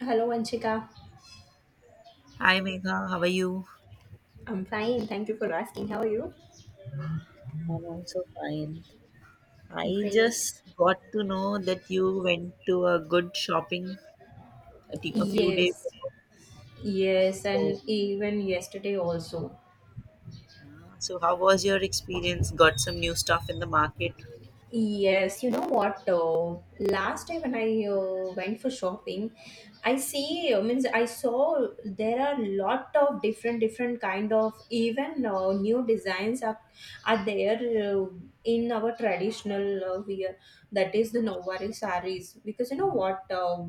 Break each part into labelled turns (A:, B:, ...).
A: Hello, Anshika.
B: Hi Megha, how are you?
A: I'm fine. Thank you for asking. How are you?
B: I'm also fine. I
A: Great.
B: just got to know that you went to a good shopping a few days
A: Yes.
B: ago.
A: Yes.
B: So,
A: And even yesterday also.
B: so how was your experience? Got some new stuff in the market?
A: Yes. You know what? Last time when I went for shopping, I see, means I saw there are lot of different, different kind of even new designs are there in our traditional wear. That is the Nawari saris. Because you know what? Uh,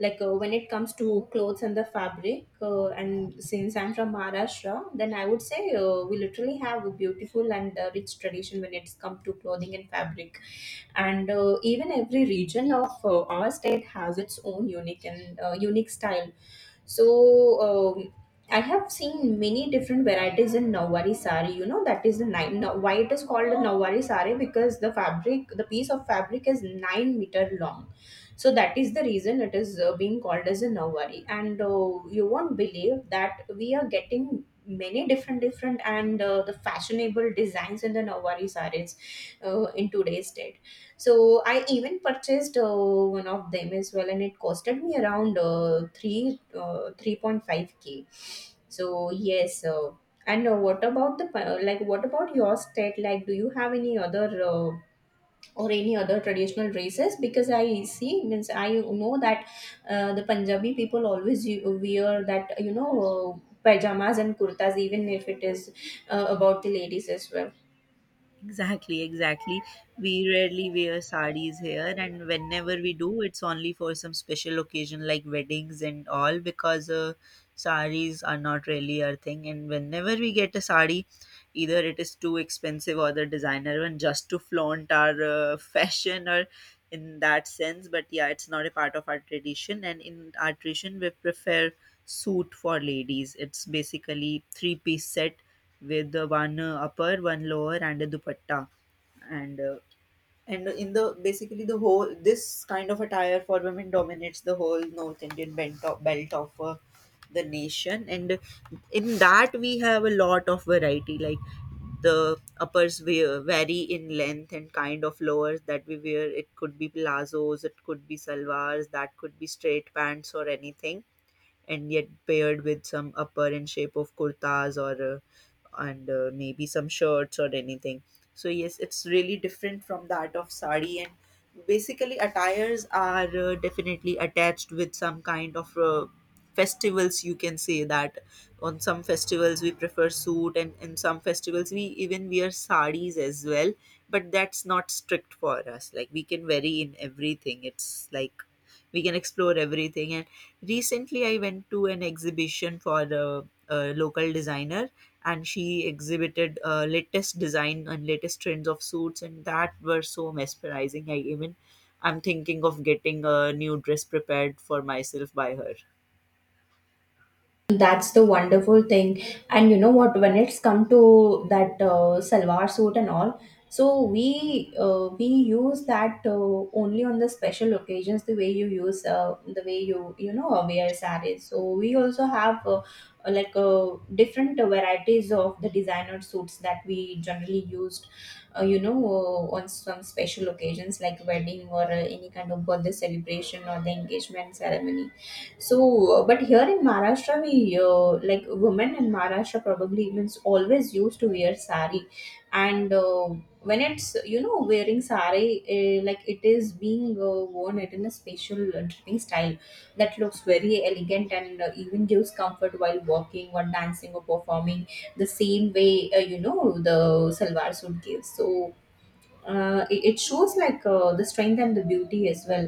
A: like uh, when it comes to clothes and the fabric, and since I'm from Maharashtra, then I would say we literally have a beautiful and rich tradition when it's come to clothing and fabric, and even every region of our state has its own unique style. So um, I have seen many different varieties in Nawari sari. You know that is the nine. Now, why it is called a Nawari sari, because the fabric, the piece of fabric is 9 meter long, so that is the reason it is being called as a Nawari. And uh, you won't believe that we are getting many different different and the fashionable designs in the Nawari sarees in today's date. So I even purchased one of them as well, and it costed me around uh, 3 uh, 3.5K. So yes. And What about the pa- like what about your state? Like, do you have any other or any other traditional dresses? Because I see means I know that the Punjabi people always wear that, pajamas and kurtas, even if it is about the ladies as well.
B: Exactly, exactly. We rarely wear sarees here, and whenever we do, it's only for some special occasion like weddings and all because sarees are not really our thing. And whenever we get a saree, either it is too expensive or the designer one just to flaunt our fashion, or in that sense, but yeah, it's not a part of our tradition, and in our tradition we prefer suit for ladies. It's basically three-piece set with the one upper, one lower and a dupatta, and uh, and in the basically the whole this kind of attire for women dominates the whole North Indian belt of the nation, and in that we have a lot of variety. Like the uppers wear, vary in length and kind of lowers that we wear. It could be plazos, it could be salwars, that could be straight pants or anything, and yet paired with some upper in shape of kurtas or and maybe some shirts or anything. So yes, it's really different from that of sari, and basically attires are definitely attached with some kind of festivals, you can say that. On some festivals we prefer suit, and in some festivals we even wear saris as well, but that's not strict for us. Like we can vary in everything. It's like we can explore everything. And recently, I went to an exhibition for a local designer, and she exhibited latest design and latest trends of suits, and that were so mesmerizing. I'm thinking of getting a new dress prepared for myself by her.
A: That's the wonderful thing. And you know what? When it's come to that salwar suit and all, so we use that only on the special occasions. The way you you know wear sarees. So we also have, like, different varieties of the designer suits that we generally used. On some special occasions, like wedding or any kind of birthday celebration or the engagement ceremony. So, but here in Maharashtra, we like women in Maharashtra probably means always used to wear sari, and when it's wearing sari, like it is being worn it in a special dripping style that looks very elegant and even gives comfort while walking or dancing or performing, the same way the salwar suit gives. So it shows, like, the strength and the beauty as well,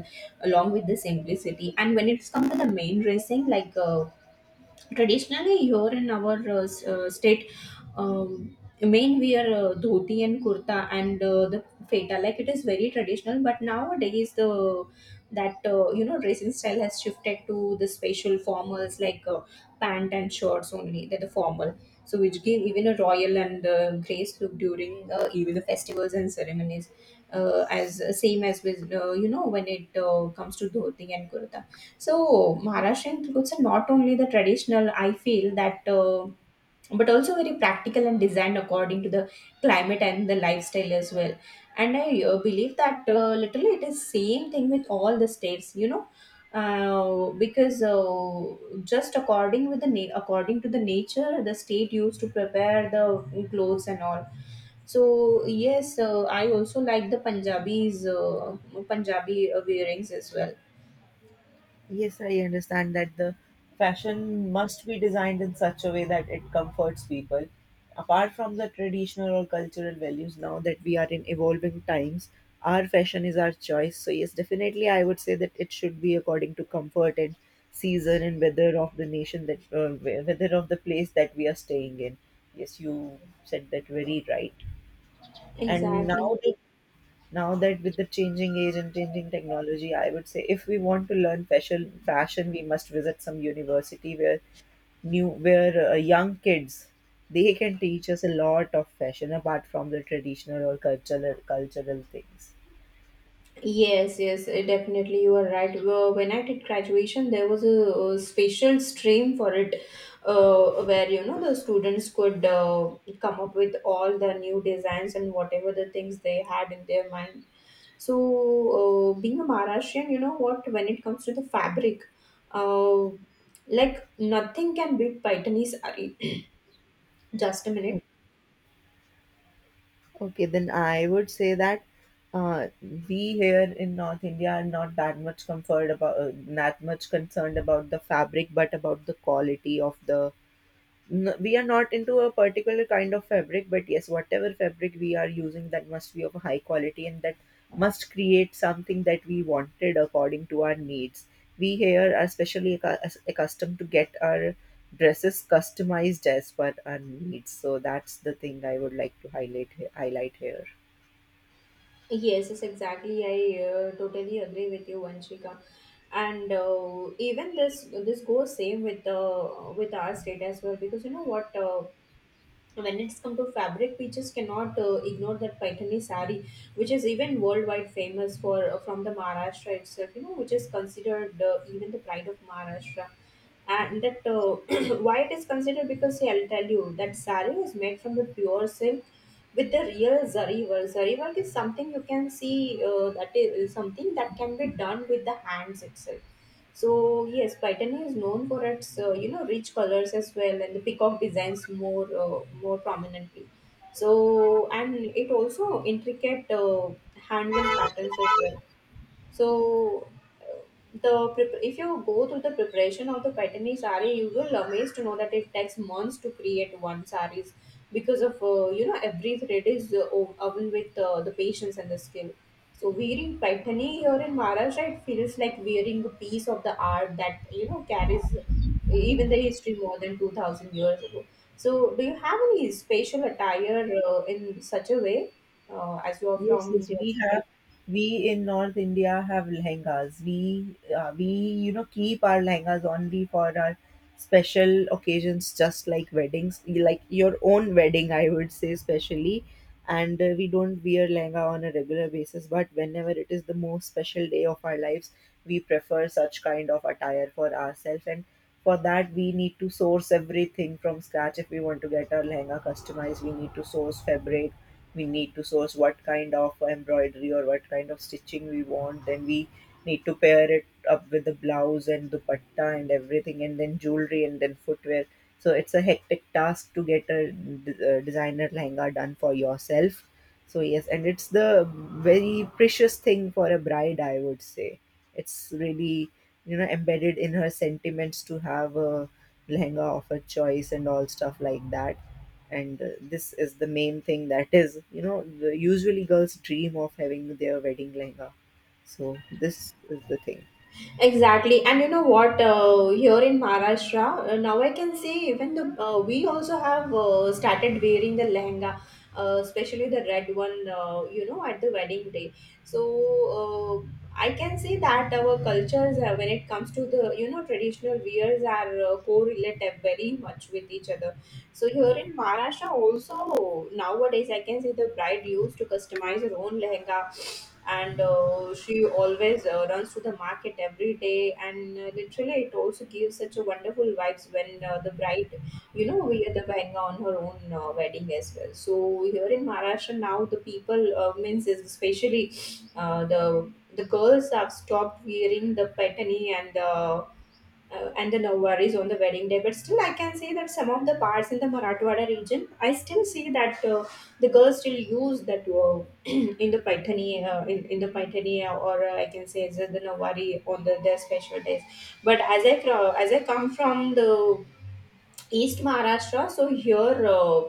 A: along with the simplicity. And when it's come to the main racing, like, traditionally here in our state, main we are dhoti and kurta and the feta. Like, it is very traditional, but nowadays the, that dressing style has shifted to the special formals, like pant and shorts only. That the formal, so which give even a royal and grace look during even the festivals and ceremonies, as same as with, when it comes to dhoti and kurta. So Maharashtrian clothes are not only the traditional, I feel that, but also very practical and designed according to the climate and the lifestyle as well. And I believe that, literally, it is same thing with all the states, because just according with according to the nature, the state used to prepare the clothes and all. So yes, I also like the Punjabi wearings as well.
B: Yes, I understand that the fashion must be designed in such a way that it comforts people. Apart from the traditional or cultural values, now that we are in evolving times, our fashion is our choice. So, yes, definitely, I would say that it should be according to comfort and season and weather of the nation, that weather of the place that we are staying in. Yes, you said that very right. And
A: Exactly.
B: now now that with the changing age and changing technology, I would say, if we want to learn fashion, we must visit some university where new where young kids, they can teach us a lot of fashion apart from the traditional or cultural things.
A: Yes, yes, definitely you are right. Well, when I did graduation, there was a special stream for it, where the students could come up with all the new designs and whatever the things they had in their mind. So, being a Maharashtrian, you know what? When it comes to the fabric, uh, like nothing can beat Paitani saree. Just a minute.
B: O- okay, then I would say that uh, we here in North India are not that much concerned about the fabric, but about the quality of the we are not into a particular kind of fabric, but yes, whatever fabric we are using, that must be of a high quality, and that must create something that we wanted according to our needs. We here are especially accustomed to get our dresses customized as per our needs. So that's the thing I would like to highlight here.
A: Yes, yes, exactly. I totally agree with you, Vanshika. And even this goes same with our state as well, because you know what, when it's come to fabric, we just cannot ignore that Paithani sari, which is even worldwide famous for from the Maharashtra itself. You know, which is considered even the pride of Maharashtra. And that, why it is considered, because see, I'll tell you that sari is made from the pure silk with the real zari work. Zari work is something you can see, that is something that can be done with the hands itself. So yes, patani is known for its rich colors as well, and the peacock designs more prominently. So, and it also intricate hand woven patterns as well. So, uh, if you go through the preparation of the patani sari, you will amazed to know that it takes months to create one saris, because of, every thread is woven with the patience and the skill. So wearing patani here in Maharashtra, it feels like wearing a piece of the art that carries even the history more than 2,000 years ago. So do you have any special attire in such a way, as you are
B: Yes,
A: from
B: yes,
A: the?
B: we have. We in North India have lehengas. We you know keep our lehengas only for our special occasions, just like weddings, like your own wedding, I would say, especially. And we don't wear lehenga on a regular basis, but whenever it is the most special day of our lives, we prefer such kind of attire for ourselves. And for that, we need to source everything from scratch. If we want to get our lehenga customized, we need to source fabric, we need to source what kind of embroidery or what kind of stitching we want, then we need to pair it up with the blouse and dupatta and everything, and then jewelry and then footwear. So it's a hectic task to get a designer lehenga done for yourself. So yes, and it's the very precious thing for a bride, I would say. It's really, you know, embedded in her sentiments to have a lehenga of her choice and all stuff like that. And this is the main thing, that is, you know, usually girls dream of having their wedding lehenga. So this is the thing.
A: Exactly, and you know what? Here in Maharashtra, now I can say even the we also have started wearing the lehenga, especially the red one. At the wedding day. So, uh, I can say that our cultures, when it comes to the, you know, traditional wears, are correlative very much with each other. So here in Maharashtra, also nowadays, I can say the bride used to customize her own lehenga, and she always runs to the market every day. And literally, it also gives such a wonderful vibes when the bride wear the lehenga on her own wedding as well. So here in Maharashtra, now the people, means especially, the girls have stopped wearing the patani, and the Nowwaris on the wedding day. But still, I can say that some of the parts in the Marathwada region, I still see that the girls still use that, in the Paithani, in the Paithani, or I can say the Nowari on their special days. But as I come from the East Maharashtra. So here, uh,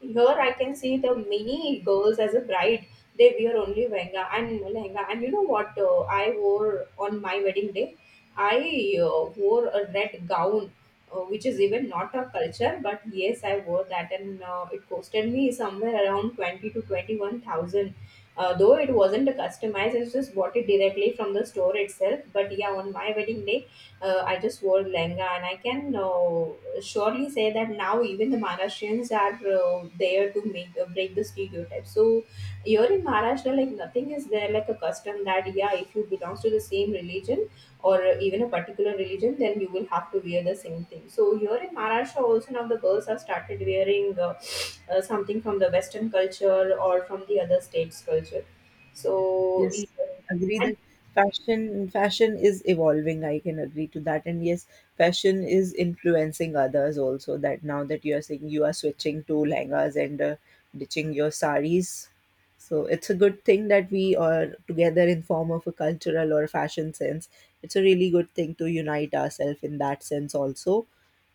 A: here I can see the many girls as a bride. They wear only lehenga and lehenga. And you know what? I wore on my wedding day. I wore a red gown, which is even not a culture, but yes, I wore that, and it costed me somewhere around twenty to twenty-one thousand. Though it wasn't customized, I just bought it directly from the store itself. But yeah, on my wedding day, I just wore lenga. And I can surely say that now even the Maharashtrians are there to make break the stereotype. So here in Maharashtra, like, nothing is there like a custom that, yeah, if you belong to the same religion or even a particular religion, then you will have to wear the same thing. So here in Maharashtra, also now the girls have started wearing something from the Western culture or from the other states' culture. So.
B: Yes,
A: E,
B: agree
A: and.
B: that fashion is evolving. I can agree to that. And yes, fashion is influencing others also. That now that you are saying you are switching to lehengas and ditching your saris, so it's a good thing that we are together in form of a cultural or fashion sense. It's a really good thing to unite ourselves in that sense also.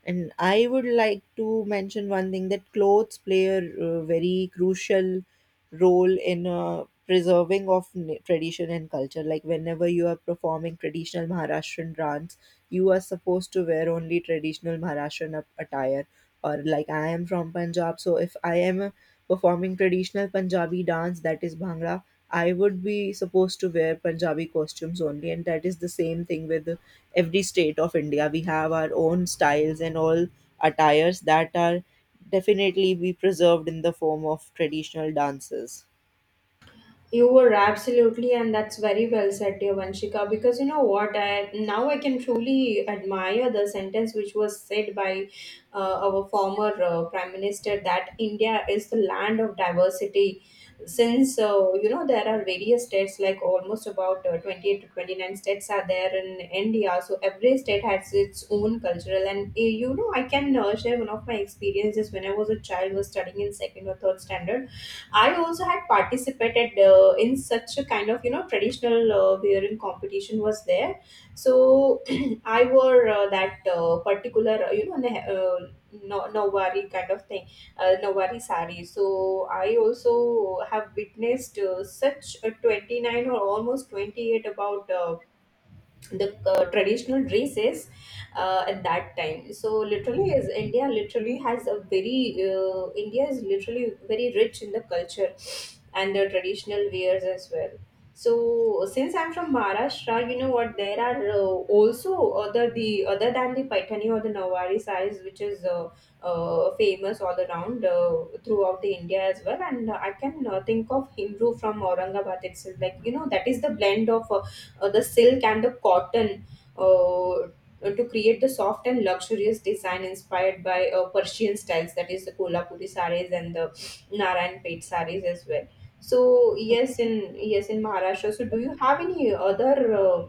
B: And I would like to mention one thing, that clothes play a very crucial role in preserving of tradition and culture. Like whenever you are performing traditional Maharashtrian dance, you are supposed to wear only traditional Maharashtrian attire. Or like, I am from Punjab, so if I am performing traditional Punjabi dance, that is Bhangra, I would be supposed to wear Punjabi costumes only, and that is the same thing with every state of India. We have our own styles, and all attires that are definitely be preserved in the form of traditional dances.
A: You were absolutely, and that's very well said, dear Vanshika. Because you know what, I now I can truly admire the sentence which was said by our former prime minister that India is the land of diversity. Since, there are various states, like almost about 28 to 29 states are there in India. So every state has its own cultural, and I can share one of my experiences. When I was a child, was studying in second or third standard, I also had participated in such a kind of traditional violin competition was there. So I wore that particular, no novari kind of thing, novari sari. So I also have witnessed such a 29 or almost 28 about. The traditional dresses at that time. So literally has a very india is literally very rich in the culture and the traditional wears as well. So since I'm from Maharashtra, you know what, there are also other the other than the Paithani or the Nawari sarees, which is famous all around, throughout the India as well. And I can think of Hindu from Aurangabad itself, like, you know, that is the blend of the silk and the cotton, uh, to create the soft and luxurious design inspired by Persian styles. That is the Kolhapuri sarees and the Narayan Pet sarees as well. So
B: Okay.
A: yes, in yes in Maharashtra. So do you have any other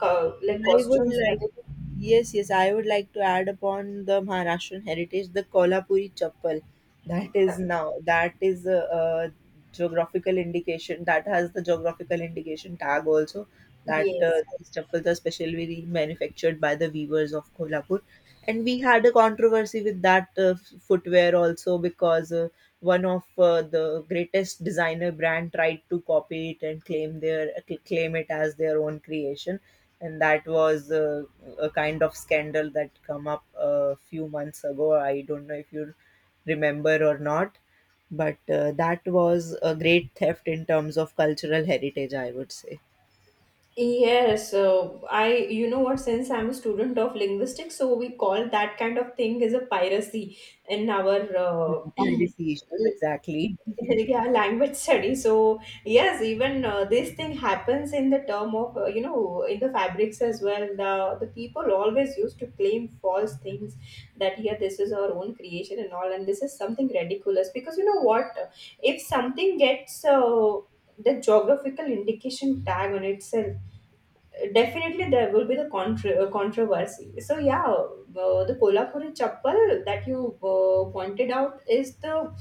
A: like
B: I would
A: costumes that
B: like,
A: is
B: yes, yes, I would like to add upon the Maharashtrian heritage the Kolhapuri chappal. That is
A: exactly?
B: now, that is a geographical indication, that has the geographical indication tag also. That
A: Yes.
B: these chappals are specially manufactured by the weavers of Kolhapur. And we had a controversy with that footwear also, because one of the greatest designer brand tried to copy it and claim it as their own creation, and that was a kind of scandal that come up a few months ago. I don't know if you remember or not, but that was a great theft in terms of cultural heritage, I would say.
A: Yes, so you know what, since I'm a student of linguistics, so we call that kind of thing as a piracy in our
B: Yeah,
A: yeah
B: piracy issues, exactly.
A: language study. So yes, even this thing happens in the term of, you know, in the fabrics as well. The people always used to claim false things, that, yeah, this is our own creation and all, and this is something ridiculous. Because, you know what, if something gets the geographical indication tag on itself, definitely there will be the controversy. So yeah, the Kolhapuri chappal that you pointed out is the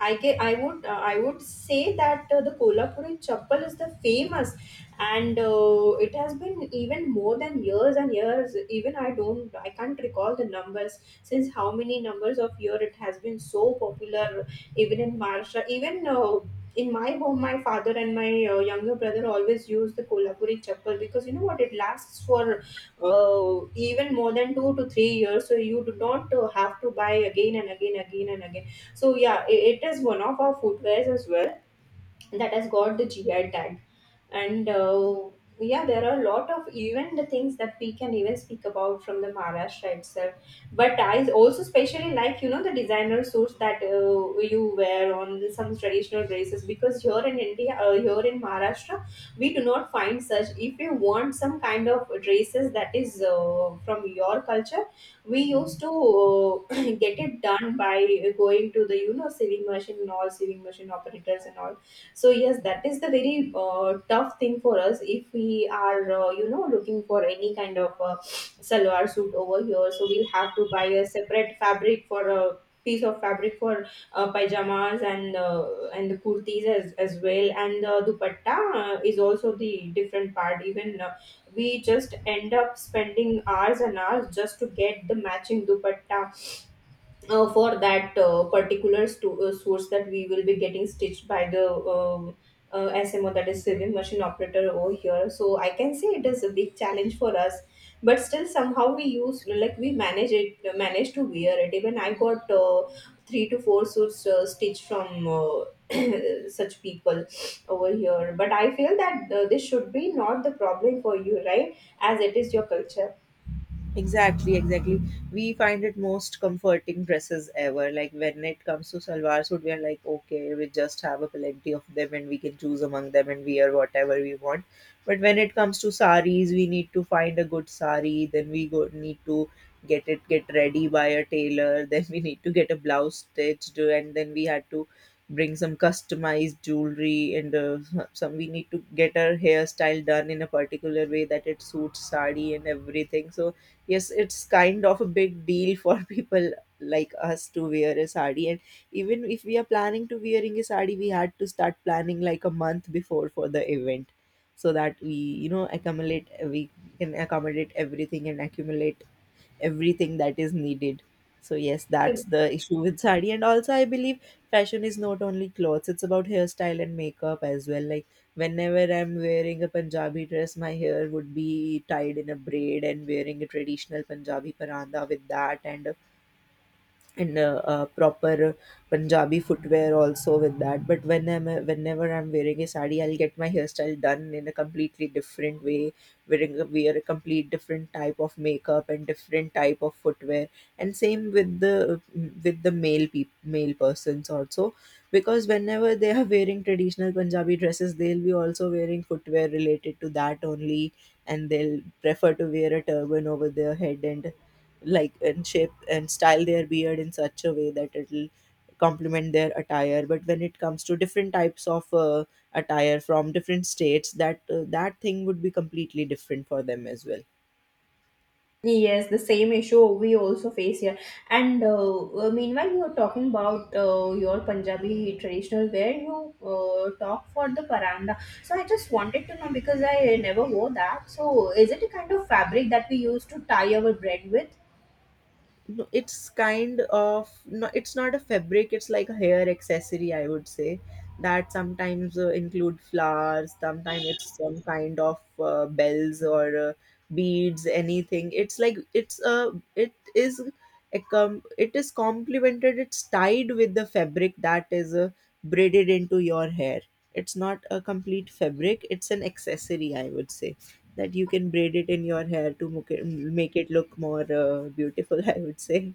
A: I would say that the Kolhapuri chappal is the famous. And it has been even more than years and years, even I don't I can't recall the numbers, since how many numbers of year it has been so popular, even in Maharashtra, even in my home. My father and my younger brother always use the Kolhapuri chappal because, you know what, it lasts for even more than 2 to 3 years. So you do not have to buy again and again, again and again. So yeah, I it is one of our footwears as well that has got the GI tag. And yeah, there are a lot of even the things that we can even speak about from the Maharashtra itself. But I also especially like, you know, the designer suits that you wear on some traditional dresses. Because here in India, here in Maharashtra, we do not find such. If you want some kind of dresses that is from your culture, we used to get it done by going to the, you know, sewing machine and all, sewing machine operators and all. So yes, that is the very tough thing for us if we are, you know, looking for any kind of salwar suit over here. So we'll have to buy a separate fabric for a piece of fabric for pajamas, and the kurtis as well. And the dupatta is also the different part. Even we just end up spending hours and hours just to get the matching dupatta for that particular source that we will be getting stitched by the SMO, that is civil machine operator over here. So I can say it is a big challenge for us, but still somehow we use, like, we manage it, manage to wear it. Even I got three to four suits stitched from. Such people over here. But I feel that this should be not the problem for you, right, as it is your culture.
B: Exactly, exactly. We find it most comforting dresses ever. Like when it comes to salwar suit, we are like, okay, we just have a plenty of them and we can choose among them and wear whatever we want. But when it comes to saris, we need to find a good sari. Then we go need to get it get ready by a tailor. Then we need to get a blouse stitched, and then we had to bring some customized jewelry and some we need to get our hairstyle done in a particular way that it suits sari and everything. So yes, it's kind of a big deal for people like us to wear a sari, and even if we are planning to wearing a sari, we had to start planning like a month before for the event, so that we, you know, accumulate we can accommodate everything and accumulate everything that is needed. So yes, that's the issue with sari. And also, I believe fashion is not only clothes; it's about hairstyle and makeup as well. Like whenever I'm wearing a Punjabi dress, my hair would be tied in a braid and wearing a traditional Punjabi paranda with that, and proper Punjabi footwear also with that. But whenever I'm wearing a sari, I'll get my hairstyle done in a completely different way, wear a complete different type of makeup and different type of footwear. And same with the male persons also, because whenever they are wearing traditional Punjabi dresses, they'll be also wearing footwear related to that only, and they'll prefer to wear a turban over their head, and like and shape and style their beard in such a way that it'll complement their attire. But when it comes to different types of attire from different states, that that thing would be completely different for them as well.
A: Yes, the same issue we also face here. And meanwhile, you are talking about your Punjabi traditional wear. You talk for the paranda. So I just wanted to know, because I never wore that. So is it a kind of fabric that we use to tie our bread with?
B: No, it's kind of, no, it's not a fabric. It's like a hair accessory, I would say, that sometimes include flowers. Sometimes it's some kind of bells or beads, anything. It's like, it's a it is it is complemented. It's tied with the fabric that is braided into your hair. It's not a complete fabric. It's an accessory, I would say, that you can braid it in your hair to make it look more beautiful, I would say.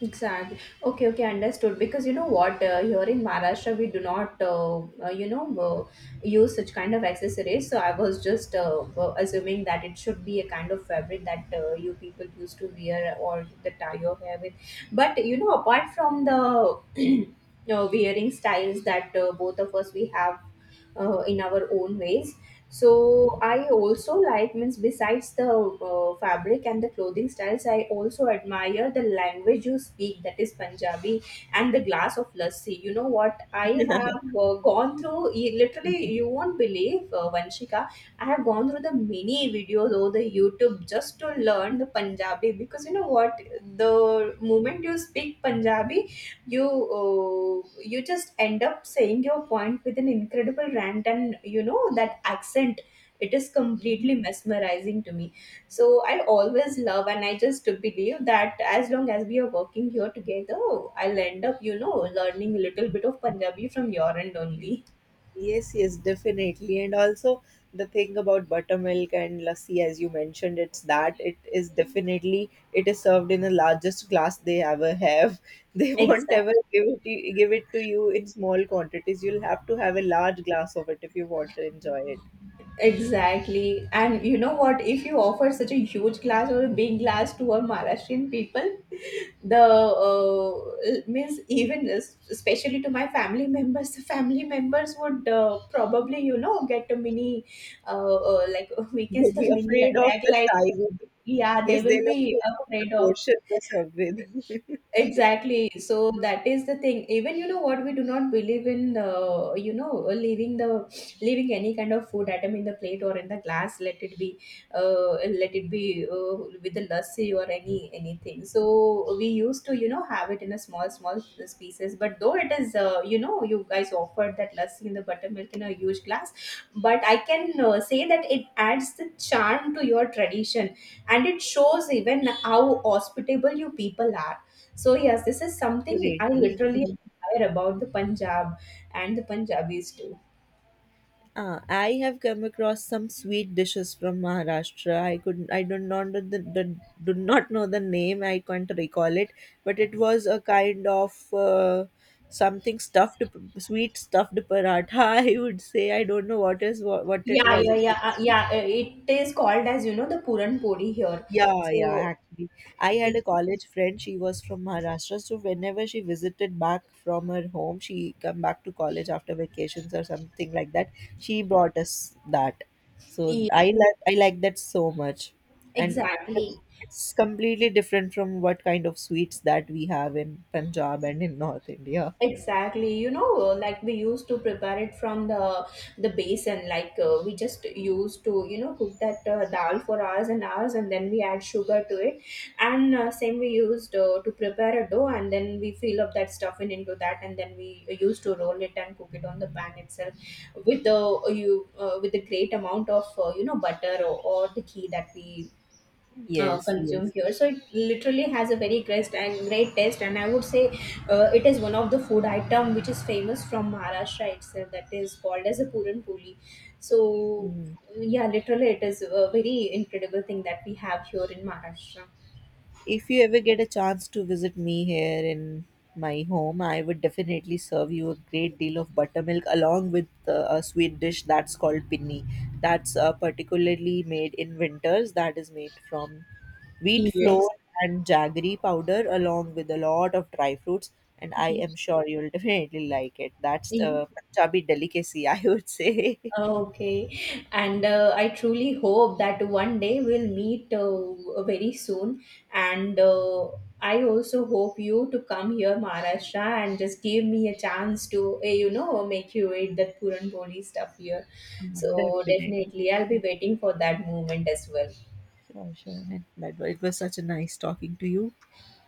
A: Exactly. Okay, okay, understood. Because, you know what, here in Maharashtra, we do not, you know, use such kind of accessories. So I was just assuming that it should be a kind of fabric that you people used to wear or the tie your hair with. But, you know, apart from the wearing styles that both of us we have in our own ways, so I also like, means, besides the fabric and the clothing styles, I also admire the language you speak, that is Punjabi, and the glass of lassi. You know what, I have gone through literally, you won't believe, Vanshika, I have gone through the many videos over the YouTube just to learn the Punjabi. Because, you know what, the moment you speak Punjabi, you you just end up saying your point with an incredible rant, and you know that accent, it is completely mesmerizing to me. So I always love, and I just believe that as long as we are working here together, I'll end up, you know, learning a little bit of Punjabi from your end only.
B: Yes, yes, definitely. And also the thing about buttermilk and lassi, as you mentioned, it's that it is definitely it is served in the largest glass they ever have. They won't
A: Exactly.
B: ever give it to you in small quantities. You'll have to have a large glass of it if you want to enjoy it.
A: Exactly. And you know what? If you offer such a huge glass or a big glass to our Maharashtrian people, the means, even especially to my family members, the family members would probably, you know, get a mini, like, we can
B: They'll
A: say
B: be
A: the mini
B: afraid of
A: attack.
B: the
A: Like,
B: size.
A: yeah, they
B: Yes,
A: will
B: they'll be
A: be
B: afraid of the
A: afraid of.
B: portion they serve with.
A: Exactly. So that is the thing. Even, you know what, we do not believe in, you know, leaving any kind of food item in the plate or in the glass. Uh, let it be with the lassi or anything. So we used to, you know, have it in a small small pieces. But though it is, you know, you guys offered that lassi in the buttermilk in a huge glass, but I can say that it adds the charm to your tradition, and it shows even how hospitable you people are. So yes, this is something
B: Definitely.
A: I literally admire about the Punjab and the Punjabis too.
B: Ah, I have come across some sweet dishes from Maharashtra. I could I do not know the do not know the name. I can't recall it, but it was a kind of something stuffed sweet stuffed paratha. I would say I don't know what is what it was, exactly.
A: Yeah. It is called as, you know, the Puran Puri here.
B: Yeah, yeah,
A: So,
B: actually. I had
A: it,
B: a college friend, she was from Maharashtra, so whenever she visited back from her home, she come back to college after vacations or something like that. She brought us that. So
A: yeah,
B: I like that so much. And
A: exactly.
B: it's completely different from what kind of sweets that we have in Punjab and in North India.
A: Exactly. You know, like we used to prepare it from the basin. Like, we just used to, you know, cook that dal for hours and hours, and then we add sugar to it. And same we used to prepare a dough, and then we fill up that stuffing into that, and then we used to roll it and cook it on the pan itself with the you with the great amount of, you know, butter, or the ghee that we
B: Yes,
A: consume
B: yes.
A: here. So it literally has a very great and great taste. And I would say it is one of the food item which is famous from Maharashtra itself. That is called as a puran puli. So
B: Mm.
A: yeah, literally it is a very incredible thing that we have here in Maharashtra.
B: If you ever get a chance to visit me here in my home, I would definitely serve you a great deal of buttermilk along with a sweet dish that's called pinni. That's particularly made in winters. That is made from wheat flour
A: Yes.
B: and jaggery powder along with a lot of dry fruits. And I am sure you'll definitely like it. That's
A: Mhm.
B: a Punjabi delicacy, I would say.
A: Okay, and I truly hope that one day we'll meet very soon. And I also hope you to come here, Maharashtra, and just give me a chance to, you know, make you eat that Puran boli stuff here. So
B: Definitely.
A: definitely, I'll be waiting for that moment as well.
B: Sure, sure. And that, it was such a nice talking to you.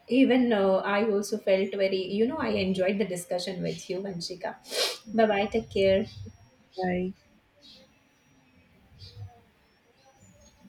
A: Even I also felt very, you know, I enjoyed the discussion with you, Vanshika. Bye bye, take care.
B: Bye.